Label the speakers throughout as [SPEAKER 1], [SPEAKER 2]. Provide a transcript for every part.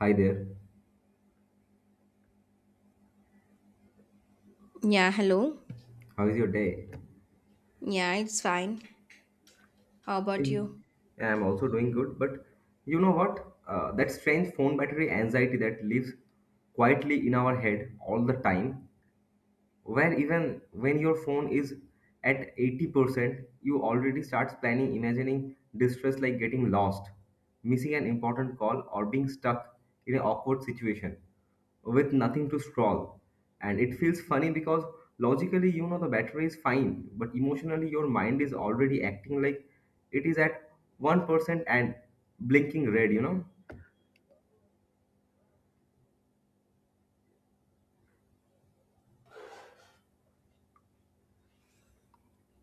[SPEAKER 1] Hi there.
[SPEAKER 2] Yeah, hello.
[SPEAKER 1] How is your day?
[SPEAKER 2] Yeah, it's fine. How about
[SPEAKER 1] Hey.
[SPEAKER 2] you?
[SPEAKER 1] Yeah, I'm also doing good, but you know what? That strange phone battery anxiety that lives quietly in our head all the time, where even when your phone is at 80%, you already starts planning, imagining distress like getting lost, missing an important call, or being stuck in an awkward situation with nothing to scroll. And it feels funny because logically, you know, the battery is fine, but emotionally, your mind is already acting like it is at 1% and blinking red, you know.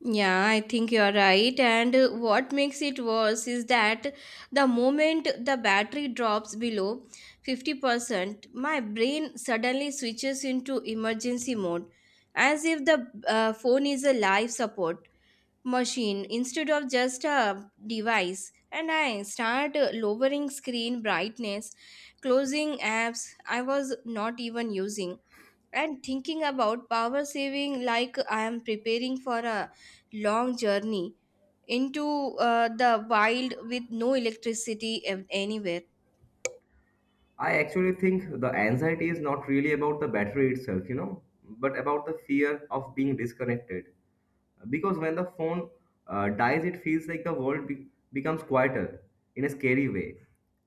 [SPEAKER 2] Yeah, I think you're right. And what makes it worse is that the moment the battery drops below 50%, my brain suddenly switches into emergency mode as if the phone is a life support machine instead of just a device. And I start lowering screen brightness, closing apps I was not even using and thinking about power saving like I am preparing for a long journey into the wild with no electricity anywhere.
[SPEAKER 1] I actually think the anxiety is not really about the battery itself, you know, but about the fear of being disconnected. Because when the phone dies, it feels like the world becomes quieter in a scary way,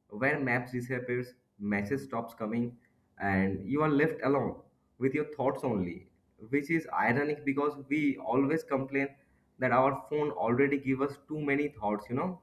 [SPEAKER 1] where maps disappears, message stops coming, and you are left alone with your thoughts only. Which is ironic because we always complain that our phone already give us too many thoughts, you know.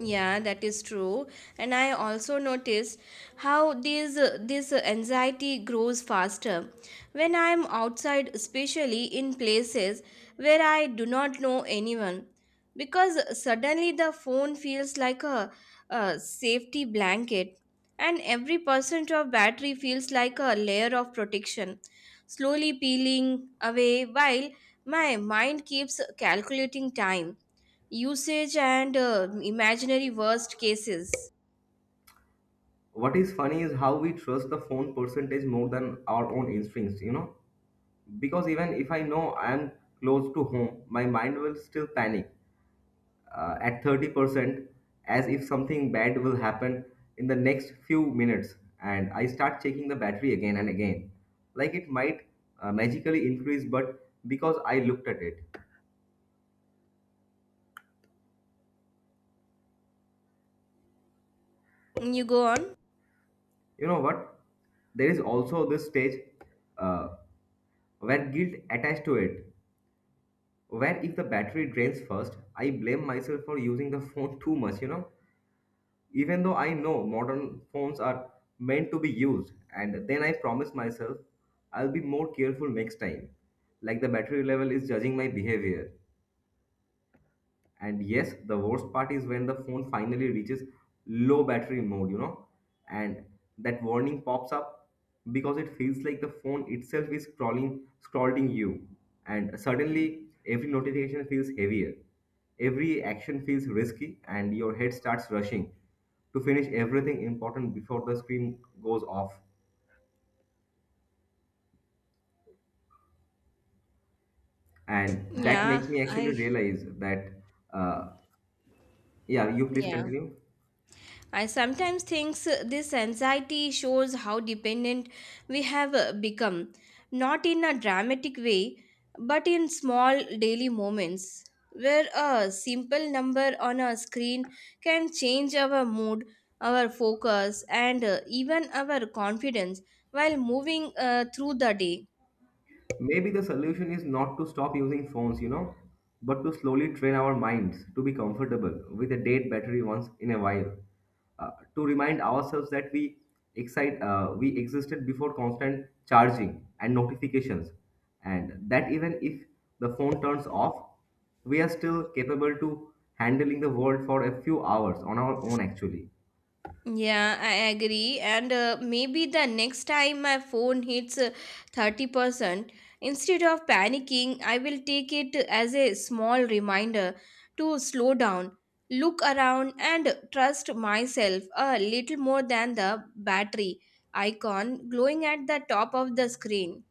[SPEAKER 2] Yeah, that is true. And I also notice how this anxiety grows faster when I am outside, especially in places where I do not know anyone, because suddenly the phone feels like a safety blanket, and every percent of battery feels like a layer of protection, slowly peeling away while my mind keeps calculating time usage and imaginary worst cases.
[SPEAKER 1] What is funny is how we trust the phone percentage more than our own instincts, you know, because even if I know I am close to home my mind will still panic at 30% as if something bad will happen in the next few minutes, and I start checking the battery again and again like it might magically increase but because I looked at it.
[SPEAKER 2] You go on.
[SPEAKER 1] You know what, there is also this stage uh, where guilt attached to it. Where if the battery drains first, I blame myself for using the phone too much, you know, even though I know modern phones are meant to be used. And then I promise myself I'll be more careful next time. Like the battery level is judging my behavior. And yes, the worst part is when the phone finally reaches low battery mode, you know, and that warning pops up because it feels like the phone itself is crawling, scrolling you. And suddenly, every notification feels heavier. Every action feels risky, and your head starts rushing to finish everything important before the screen goes off. And that
[SPEAKER 2] Yeah,
[SPEAKER 1] makes me actually
[SPEAKER 2] I
[SPEAKER 1] realize that, uh, yeah, you please
[SPEAKER 2] yeah.
[SPEAKER 1] continue.
[SPEAKER 2] I sometimes think this anxiety shows how dependent we have become, not in a dramatic way, but in small daily moments where a simple number on a screen can change our mood, our focus, and even our confidence while moving through the day.
[SPEAKER 1] Maybe the solution is not to stop using phones, you know, but to slowly train our minds to be comfortable with a dead battery once in a while, to remind ourselves that we we existed before constant charging and notifications, and that even if the phone turns off, we are still capable to handling the world for a few hours on our own actually.
[SPEAKER 2] Yeah, I agree. And maybe the next time my phone hits 30%, instead of panicking, I will take it as a small reminder to slow down, look around, and trust myself a little more than the battery icon glowing at the top of the screen.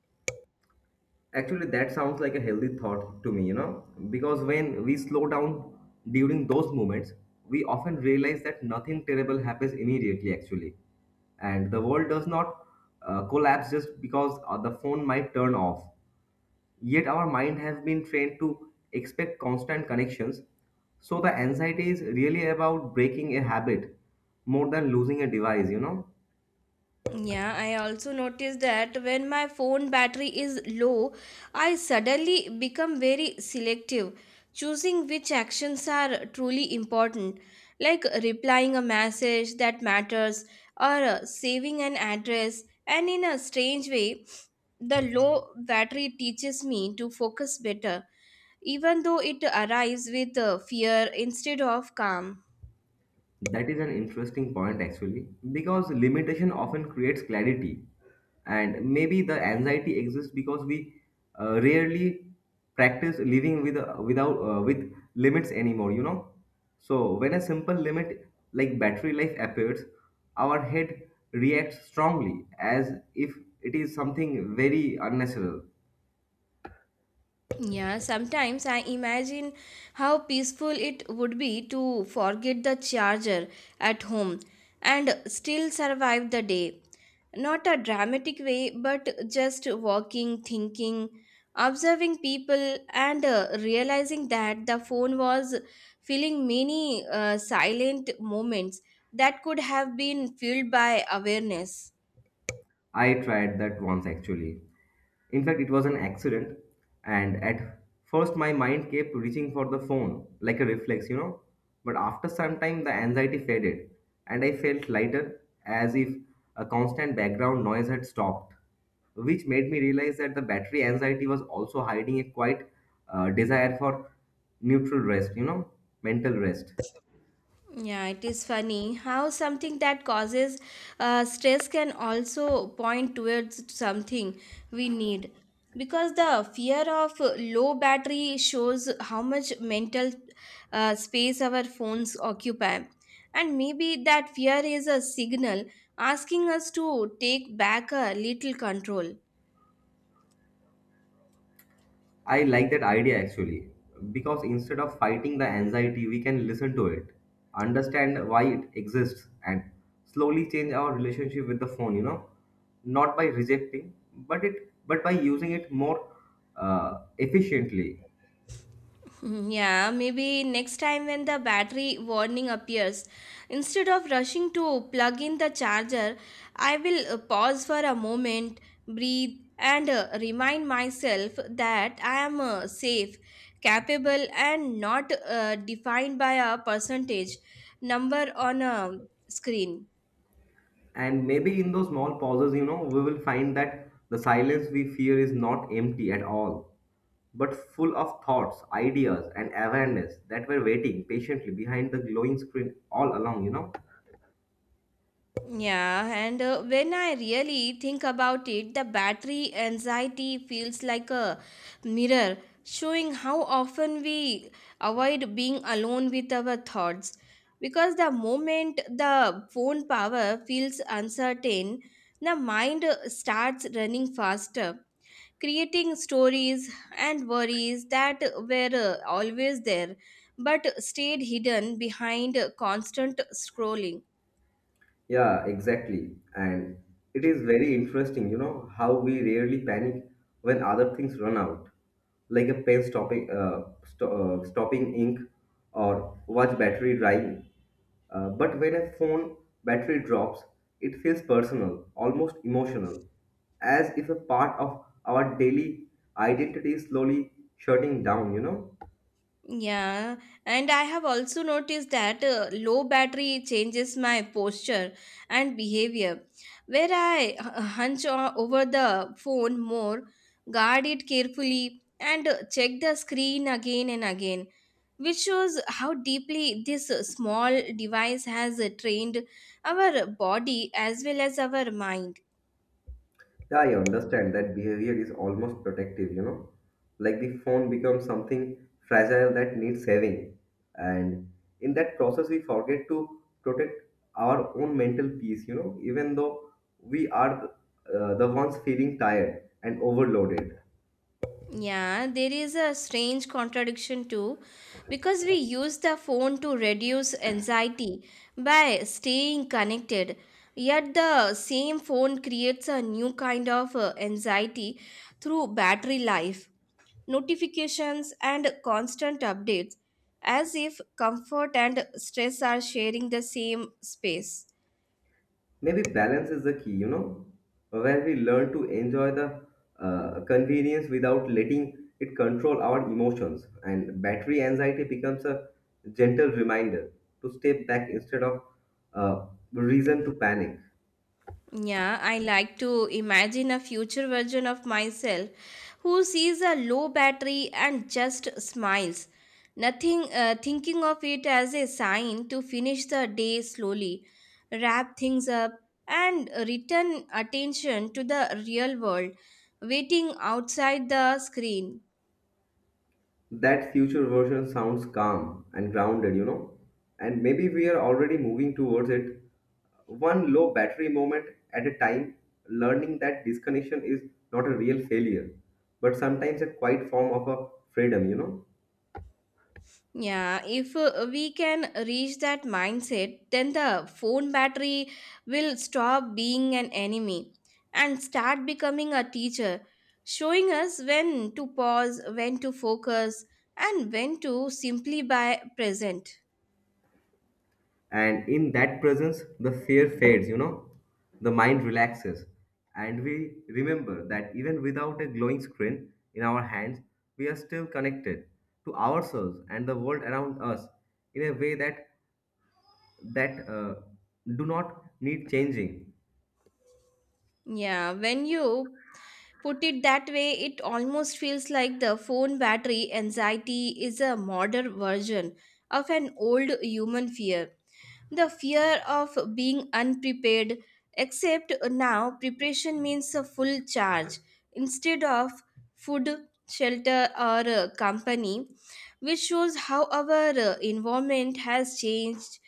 [SPEAKER 1] Actually, that sounds like a healthy thought to me, you know, because when we slow down during those moments, we often realize that nothing terrible happens immediately, actually. And the world does not collapse just because the phone might turn off. Yet, our mind has been trained to expect constant connections. So, the anxiety is really about breaking a habit more than losing a device, you know.
[SPEAKER 2] Yeah, I also noticed that when my phone battery is low, I suddenly become very selective, choosing which actions are truly important, like replying a message that matters or saving an address. And in a strange way, the low battery teaches me to focus better, even though it arrives with fear instead of calm.
[SPEAKER 1] That is an interesting point actually, because limitation often creates clarity. And maybe the anxiety exists because we rarely practice living with without with limits anymore, you know. So when a simple limit like battery life appears, our head reacts strongly as if it is something very unnatural.
[SPEAKER 2] Yeah, sometimes I imagine how peaceful it would be to forget the charger at home and still survive the day. Not a dramatic way, but just walking, thinking, observing people, and realizing that the phone was filling many silent moments that could have been filled by awareness.
[SPEAKER 1] I tried that once actually. In fact, it was an accident, and at first my mind kept reaching for the phone like a reflex, you know. But after some time, the anxiety faded, and I felt lighter as if a constant background noise had stopped, which made me realize that the battery anxiety was also hiding a quite desire for neutral rest, you know, mental rest.
[SPEAKER 2] Yeah, it is funny how something that causes stress can also point towards something we need. Because the fear of low battery shows how much mental space our phones occupy. And maybe that fear is a signal asking us to take back a little control.
[SPEAKER 1] I like that idea actually because instead of fighting the anxiety, we can listen to it, understand why it exists, and slowly change our relationship with the phone, you know, not by rejecting, but by using it more efficiently.
[SPEAKER 2] Hmm, yeah, maybe next time when the battery warning appears, instead of rushing to plug in the charger, I will pause for a moment, breathe, and remind myself that I am safe, capable, and not defined by a percentage number on a screen.
[SPEAKER 1] And maybe in those small pauses, you know, we will find that the silence we fear is not empty at all, but full of thoughts, ideas, and awareness that were waiting patiently behind the glowing screen all along, you know.
[SPEAKER 2] Yeah, and when I really think about it, the battery anxiety feels like a mirror showing how often we avoid being alone with our thoughts. Because the moment the phone power feels uncertain, the mind starts running faster, creating stories and worries that were always there but stayed hidden behind constant scrolling.
[SPEAKER 1] Yeah, exactly. And it is very interesting, you know, how we rarely panic when other things run out, like a pen stopping, stopping ink or watch battery drying. But when a phone battery drops, it feels personal, almost emotional, as if a part of our daily identity is slowly shutting down, you know?
[SPEAKER 2] Yeah, and I have also noticed that low battery changes my posture and behavior. Where I over the phone more, guard it carefully, and check the screen again and again, which shows how deeply this small device has trained our body as well as our mind.
[SPEAKER 1] Yeah, I understand that behavior is almost protective, you know. Like the phone becomes something fragile that needs saving. And in that process, we forget to protect our own mental peace, you know, even though we are the ones feeling tired and overloaded.
[SPEAKER 2] Yeah, there is a strange contradiction too, because we use the phone to reduce anxiety by staying connected. Yet the same phone creates a new kind of anxiety through battery life, notifications, and constant updates, as if comfort and stress are sharing the same space.
[SPEAKER 1] Maybe balance is the key, you know, when we learn to enjoy the convenience without letting it control our emotions. And battery anxiety becomes a gentle reminder to step back instead of uh, reason to panic.
[SPEAKER 2] Yeah, I like to imagine a future version of myself who sees a low battery and just smiles, nothing thinking of it as a sign to finish the day slowly, wrap things up, and return attention to the real world, waiting outside the screen.
[SPEAKER 1] That future version sounds calm and grounded, you know, and maybe we are already moving towards it. One low battery moment at a time, learning that disconnection is not a real failure, but sometimes a quiet form of a freedom, you know.
[SPEAKER 2] Yeah, if we can reach that mindset, then the phone battery will stop being an enemy and start becoming a teacher, showing us when to pause, when to focus, and when to simply by present.
[SPEAKER 1] And in that presence, the fear fades, you know, the mind relaxes, and we remember that even without a glowing screen in our hands, we are still connected to ourselves and the world around us in a way that do not need changing.
[SPEAKER 2] Yeah, when you put it that way, it almost feels like the phone battery anxiety is a modern version of an old human fear, the fear of being unprepared, except now preparation means a full charge instead of food, shelter, or company, which shows how our environment has changed,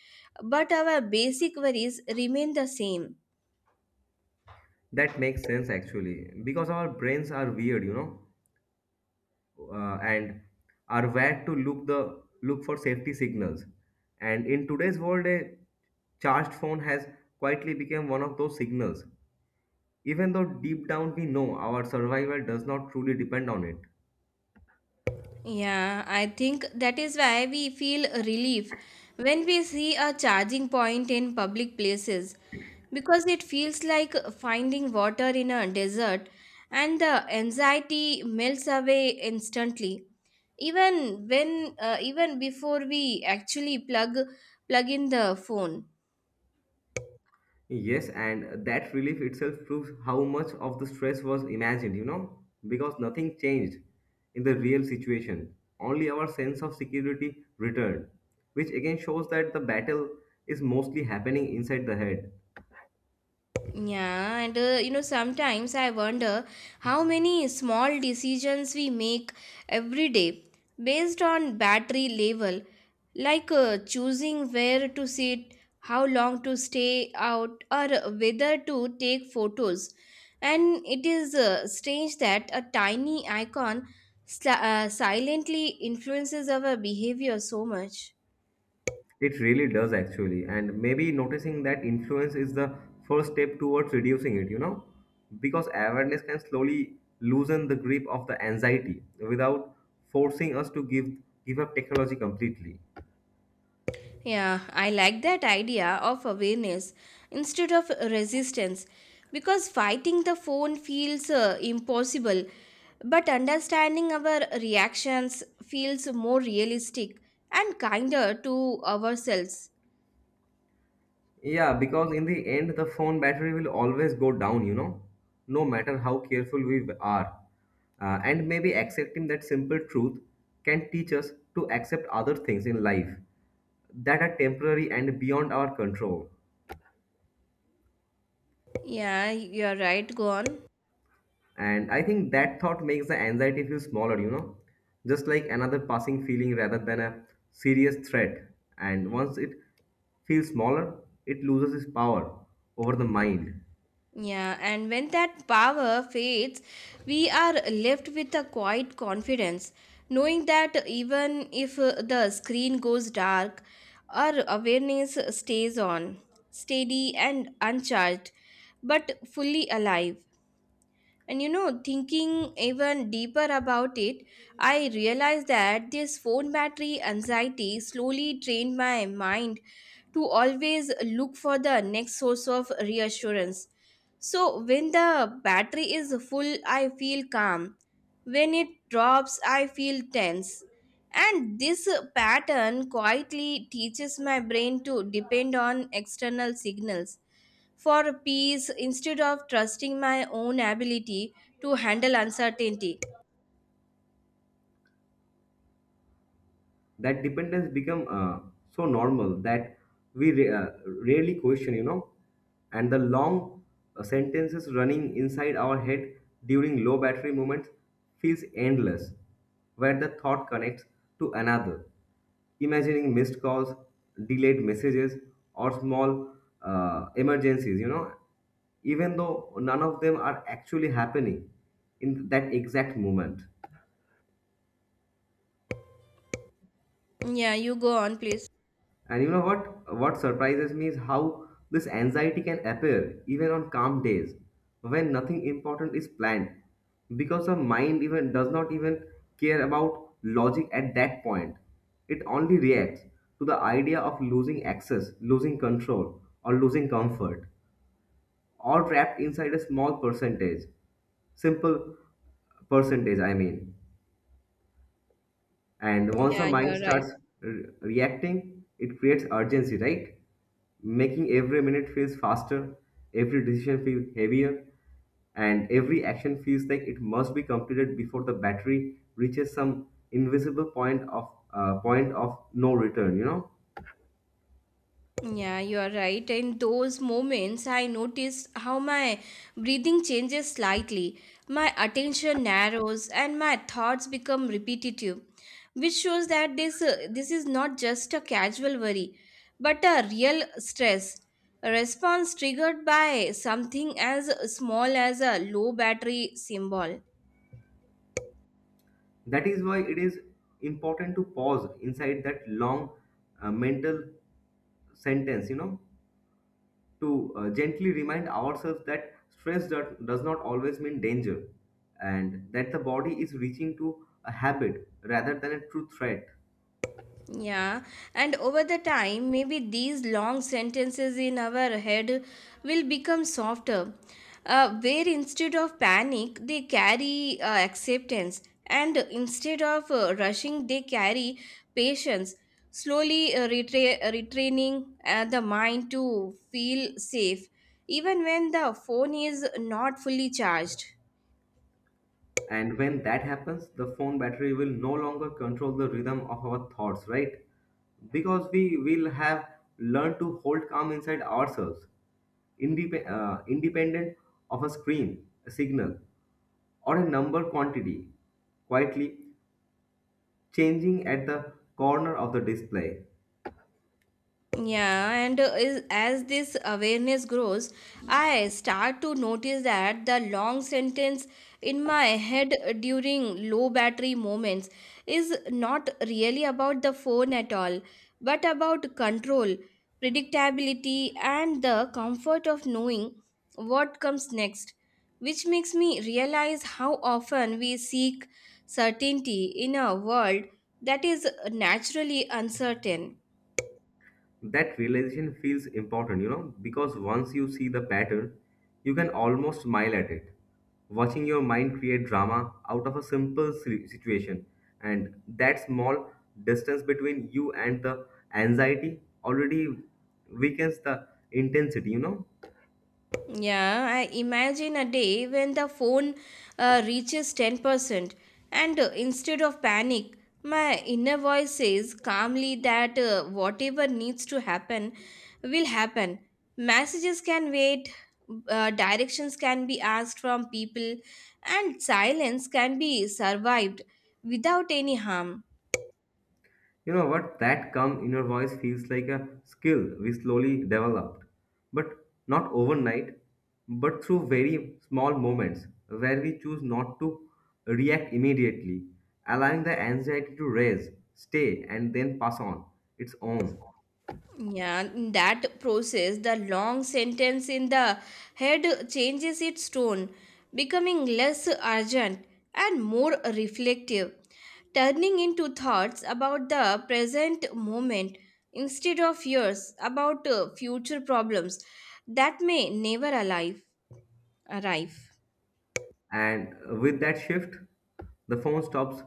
[SPEAKER 2] but our basic worries remain the same.
[SPEAKER 1] That makes sense actually, because our brains are weird, you know, and are wired to look for safety signals. And in today's world, a charged phone has quietly become one of those signals, even though deep down we know our survival does not truly depend on it.
[SPEAKER 2] Yeah, I think that is why we feel relief when we see a charging point in public places because it feels like finding water in a desert and the anxiety melts away instantly even when even before we actually plug in the phone.
[SPEAKER 1] Yes, and that relief itself proves how much of the stress was imagined, you know, because nothing changed in the real situation. Only our sense of security returned, which again shows that the battle is mostly happening inside the head.
[SPEAKER 2] Yeah, and you know, sometimes I wonder how many small decisions we make every day based on battery level, like choosing where to sit, how long to stay out, or whether to take photos. And it is strange that a tiny icon silently influences our behavior so much.
[SPEAKER 1] It really does, actually, and maybe noticing that influence is the first step towards reducing it, you know, because awareness can slowly loosen the grip of the anxiety without forcing us to give up technology completely.
[SPEAKER 2] Yeah, I like that idea of awareness instead of resistance because fighting the phone feels impossible, but understanding our reactions feels more realistic and kinder to ourselves.
[SPEAKER 1] Yeah, because in the end, the phone battery will always go down, you know, no matter how careful we are. And maybe accepting that simple truth can teach us to accept other things in life that are temporary and beyond our control.
[SPEAKER 2] Yeah, you're right, go on.
[SPEAKER 1] And I think that thought makes the anxiety feel smaller, you know, just like another passing feeling rather than a serious threat. And once it feels smaller, it loses its power over the mind.
[SPEAKER 2] Yeah, and when that power fades, we are left with a quiet confidence, knowing that even if the screen goes dark, our awareness stays on, steady and uncharged, but fully alive. And you know, thinking even deeper about it, I realized that this phone battery anxiety slowly trained my mind to always look for the next source of reassurance. So, when the battery is full, I feel calm. When it drops, I feel tense. And this pattern quietly teaches my brain to depend on external signals for peace instead of trusting my own ability to handle uncertainty.
[SPEAKER 1] That dependence become so normal that we rarely question, you know, and the long sentences running inside our head during low battery moments feels endless, where the thought connects to another, imagining missed calls, delayed messages, or small emergencies, you know, even though none of them are actually happening in that exact moment.
[SPEAKER 2] Yeah, you go on, please.
[SPEAKER 1] And you know what? What surprises me is how this anxiety can appear even on calm days when nothing important is planned, because the mind even does not even care about logic at that point. It only reacts to the idea of losing access, losing control, or losing comfort, all trapped inside a small percentage, simple percentage, I mean. And once the
[SPEAKER 2] Yeah, you
[SPEAKER 1] mind
[SPEAKER 2] are right.
[SPEAKER 1] starts reacting, it creates urgency, right? Making every minute feels faster, every decision feels heavier, and every action feels like it must be completed before the battery reaches some invisible point of no return. You know,
[SPEAKER 2] Yeah, you are right. In those moments, I notice how my breathing changes slightly, my attention narrows, and my thoughts become repetitive, which shows that this is not just a casual worry, but a real stress. A response triggered by something as small as a low battery symbol.
[SPEAKER 1] that is why it is important to pause inside that long mental sentence. You know, to gently remind ourselves that stress does not always mean danger, and that the body is reaching to a habit rather than a true threat.
[SPEAKER 2] Yeah, and over the time, maybe these long sentences in our head will become softer, where instead of panic, they carry acceptance, and instead of rushing, they carry patience, slowly retraining the mind to feel safe, even when the phone is not fully charged.
[SPEAKER 1] And when that happens, the phone battery will no longer control the rhythm of our thoughts, right? Because we will have learned to hold calm inside ourselves, independent of a screen, a signal, or a number quantity, quietly changing at the corner of the display.
[SPEAKER 2] Yeah, and as this awareness grows, I start to notice that the long sentence in my head during low battery moments is not really about the phone at all, but about control, predictability, and the comfort of knowing what comes next, which makes me realize how often we seek certainty in a world that is naturally uncertain.
[SPEAKER 1] That realization feels important, you know, because once you see the pattern, you can almost smile at it. Watching your mind create drama out of a simple situation, and that small distance between you and the anxiety already weakens the intensity, you know.
[SPEAKER 2] Yeah, I imagine a day when the phone reaches 10%, and instead of panic, my inner voice says calmly that whatever needs to happen will happen. Messages can wait, directions can be asked from people, and silence can be survived without any harm.
[SPEAKER 1] You know what? That calm inner voice feels like a skill we slowly developed, but not overnight, but through very small moments where we choose not to react immediately, allowing the anxiety to raise, stay, and then pass on its own.
[SPEAKER 2] Yeah, in that process, the long sentence in the head changes its tone, becoming less urgent and more reflective, turning into thoughts about the present moment instead of years about future problems that may never alive, arrive.
[SPEAKER 1] And with that shift, the phone stops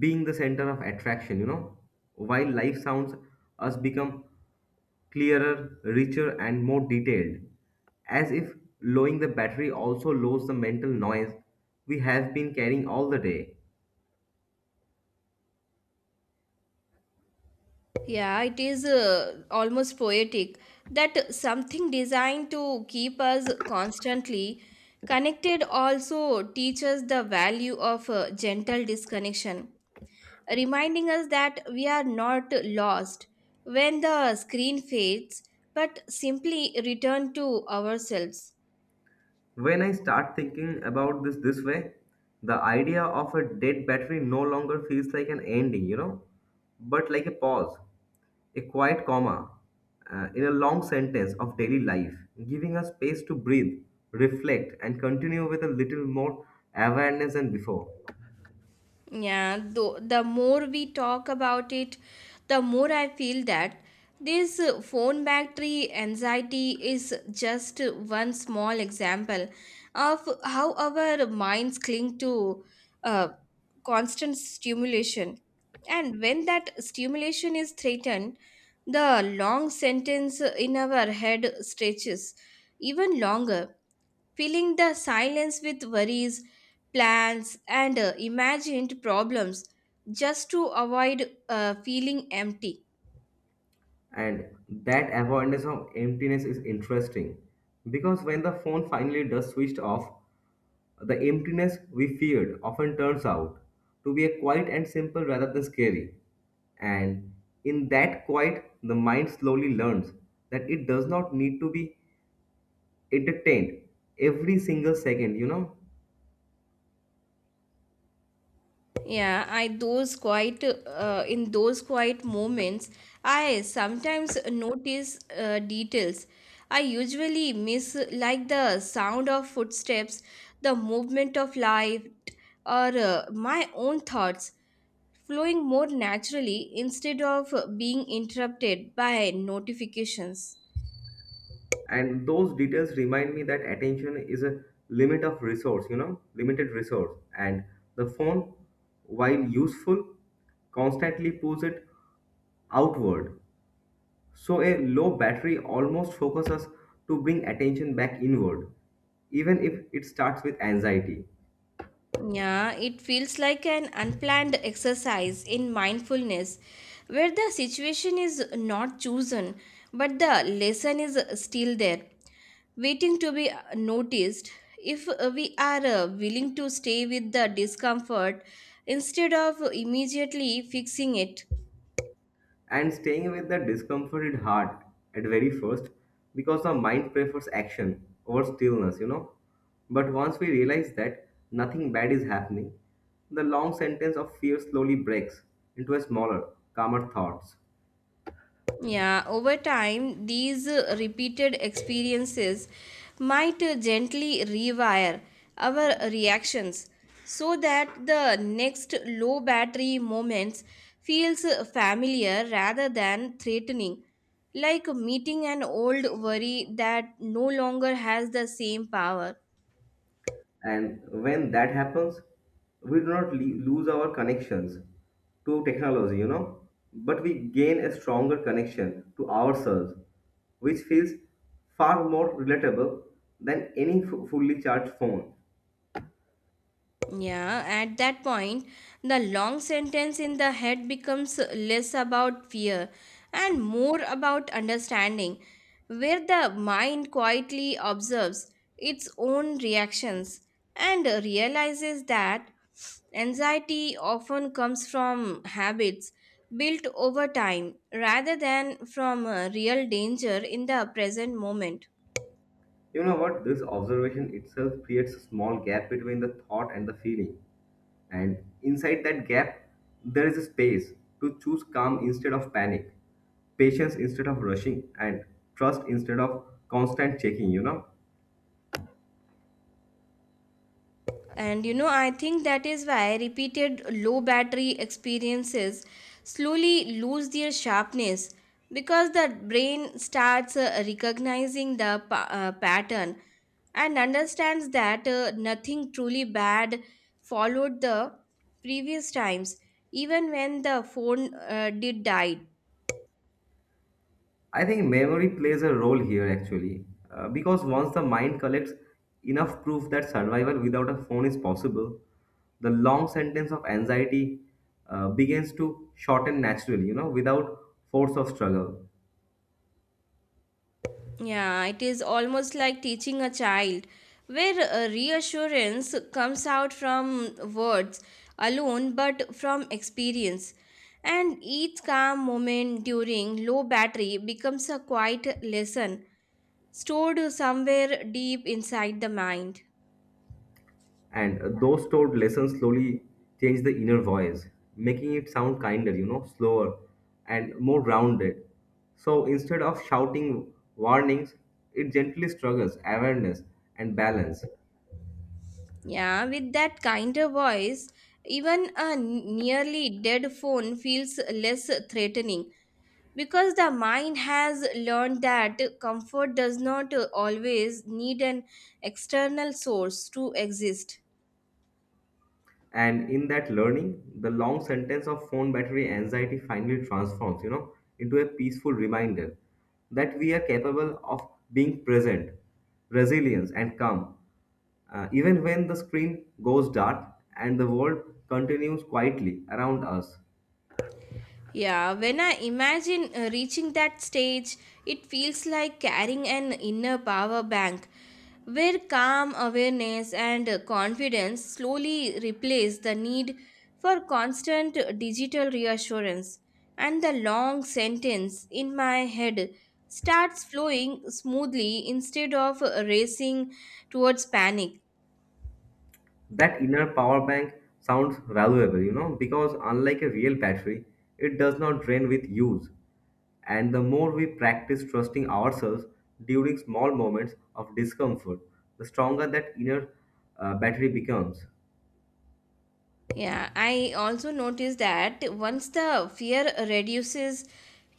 [SPEAKER 1] being the center of attraction, you know. While life sounds, us become clearer, richer, and more detailed, as if lowering the battery also lowers the mental noise we have been carrying all the day.
[SPEAKER 2] Yeah, it is almost poetic that something designed to keep us constantly connected also teaches the value of gentle disconnection, reminding us that we are not lost when the screen fades, but simply return to ourselves.
[SPEAKER 1] When I start thinking about this way, the idea of a dead battery no longer feels like an ending, you know, but like a pause, a quiet comma in a long sentence of daily life, giving us space to breathe, reflect, and continue with a little more awareness than before.
[SPEAKER 2] Yeah, though the more we talk about it, the more I feel that this phone battery anxiety is just one small example of how our minds cling to uh, constant stimulation. And when that stimulation is threatened, the long sentence in our head stretches even longer filling the silence with worries, plans, and imagined problems just to avoid feeling empty.
[SPEAKER 1] And that awareness of emptiness is interesting because when the phone finally does switch off, the emptiness we feared often turns out to be a quiet and simple rather than scary. And in that quiet, the mind slowly learns that it does not need to be entertained every single second, you know.
[SPEAKER 2] Yeah, I those quiet in those quiet moments, I sometimes notice details I usually miss, like the sound of footsteps, the movement of light, or my own thoughts flowing more naturally instead of being interrupted by notifications.
[SPEAKER 1] And those details remind me that attention is a limit of resource, you know, limited resource. And the phone, while useful, constantly pulls it outward. So a low battery almost focuses to bring attention back inward, even if it starts with anxiety,
[SPEAKER 2] Yeah, it feels like an unplanned exercise in mindfulness where the situation is not chosen but the lesson is still there, waiting to be noticed. If we are willing to stay with the discomfort instead of immediately fixing it,
[SPEAKER 1] and staying with the discomforted heart at very first because the mind prefers action over stillness, you know. But once we realize that nothing bad is happening, the long sentence of fear slowly breaks into a smaller, calmer thoughts.
[SPEAKER 2] yeah, over time, these repeated experiences might gently rewire our reactions so that the next low battery moments feels familiar rather than threatening, like meeting an old worry that no longer has the same power.
[SPEAKER 1] And when that happens, we do not lose our connections to technology, you know, but we gain a stronger connection to ourselves, which feels far more relatable than any fully charged phone.
[SPEAKER 2] Yeah, at that point, the long sentence in the head becomes less about fear and more about understanding, where the mind quietly observes its own reactions and realizes that anxiety often comes from habits built over time rather than from real danger in the present moment.
[SPEAKER 1] You know what? This observation itself creates a small gap between the thought and the feeling. And inside that gap, there is a space to choose calm instead of panic, patience instead of rushing, and trust instead of constant checking, you know?
[SPEAKER 2] And you know, I think that is why repeated low battery experiences slowly lose their sharpness because the brain starts recognizing the pattern and understands that nothing truly bad followed the previous times, even when the phone did die.
[SPEAKER 1] I think memory plays a role here actually, because once the mind collects enough proof that survival without a phone is possible, the long sentence of anxiety begins to shorten naturally, you know, without force of struggle.
[SPEAKER 2] Yeah, it is almost like teaching a child, where reassurance comes out from words alone but from experience. And each calm moment during low battery becomes a quiet lesson stored somewhere deep inside the mind.
[SPEAKER 1] And those stored lessons slowly change the inner voice, making it sound kinder, you know, slower and more grounded. So instead of shouting warnings, it gently struggles awareness and balance.
[SPEAKER 2] Yeah, with that kinder voice, even a nearly dead phone feels less threatening because the mind has learned that comfort does not always need an external source to exist.
[SPEAKER 1] And in that learning, the long sentence of phone battery anxiety finally transforms, you know, into a peaceful reminder that we are capable of being present, resilience and calm, even when the screen goes dark and the world continues quietly around us.
[SPEAKER 2] Yeah, when I imagine reaching that stage, it feels like carrying an inner power bank where calm awareness and confidence slowly replace the need for constant digital reassurance, and the long sentence in my head starts flowing smoothly instead of racing towards panic.
[SPEAKER 1] That inner power bank sounds valuable, you know, because unlike a real battery, it does not drain with use. And the more we practice trusting ourselves during small moments of discomfort, the stronger that inner battery becomes.
[SPEAKER 2] Yeah, I also noticed that once the fear reduces,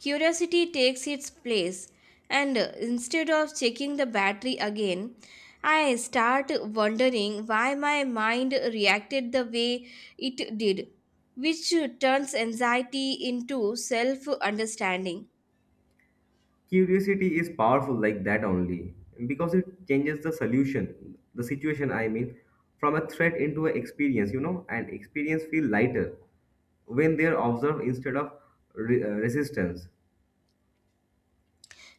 [SPEAKER 2] curiosity takes its place. And instead of checking the battery again, I start wondering why my mind reacted the way it did, which turns anxiety into self understanding.
[SPEAKER 1] Curiosity is powerful like that only because it changes the solution, the situation, I mean, from a threat into an experience, you know, and experience feel lighter when they are observed instead of resistance.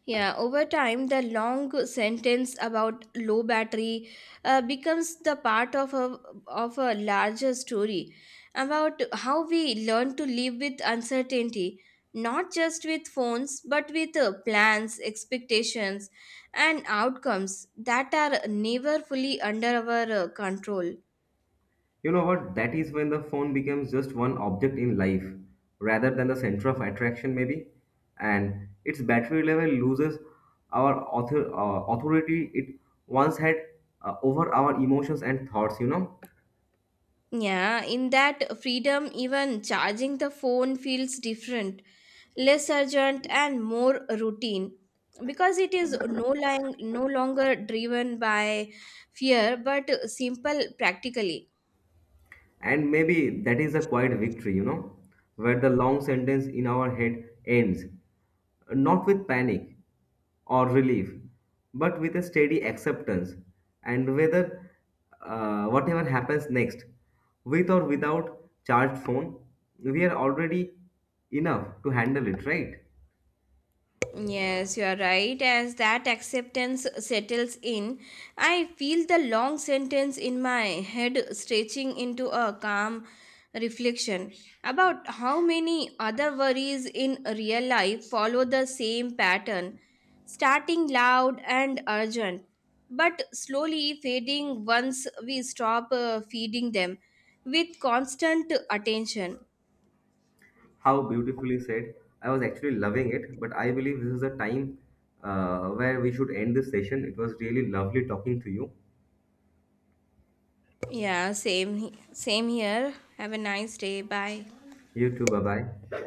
[SPEAKER 2] Yeah, over time, the long sentence about low battery becomes the part of of a larger story about how we learn to live with uncertainty, not just with phones, but with plans, expectations, and outcomes that are never fully under our control.
[SPEAKER 1] You know what? That is when the phone becomes just one object in life rather than the center of attraction, maybe. And its battery level loses our authority it once had over our emotions and thoughts, you know.
[SPEAKER 2] Yeah, in that freedom, even charging the phone feels different, less urgent and more routine because it is no longer driven by fear but simple practically.
[SPEAKER 1] And maybe that is a quiet victory, you know, where the long sentence in our head ends, not with panic or relief, but with a steady acceptance. And whether whatever happens next, with or without charged phone, we are already enough to handle it, right?
[SPEAKER 2] Yes, you are right. As that acceptance settles in, I feel the long sentence in my head stretching into a calm reflection about how many other worries in real life follow the same pattern, starting loud and urgent, but slowly fading once we stop feeding them with constant attention.
[SPEAKER 1] How beautifully said. I was actually loving it, but I believe this is a time where we should end this session. It was really lovely talking to you.
[SPEAKER 2] Yeah, same here. Have a nice day. Bye.
[SPEAKER 1] You too, bye bye.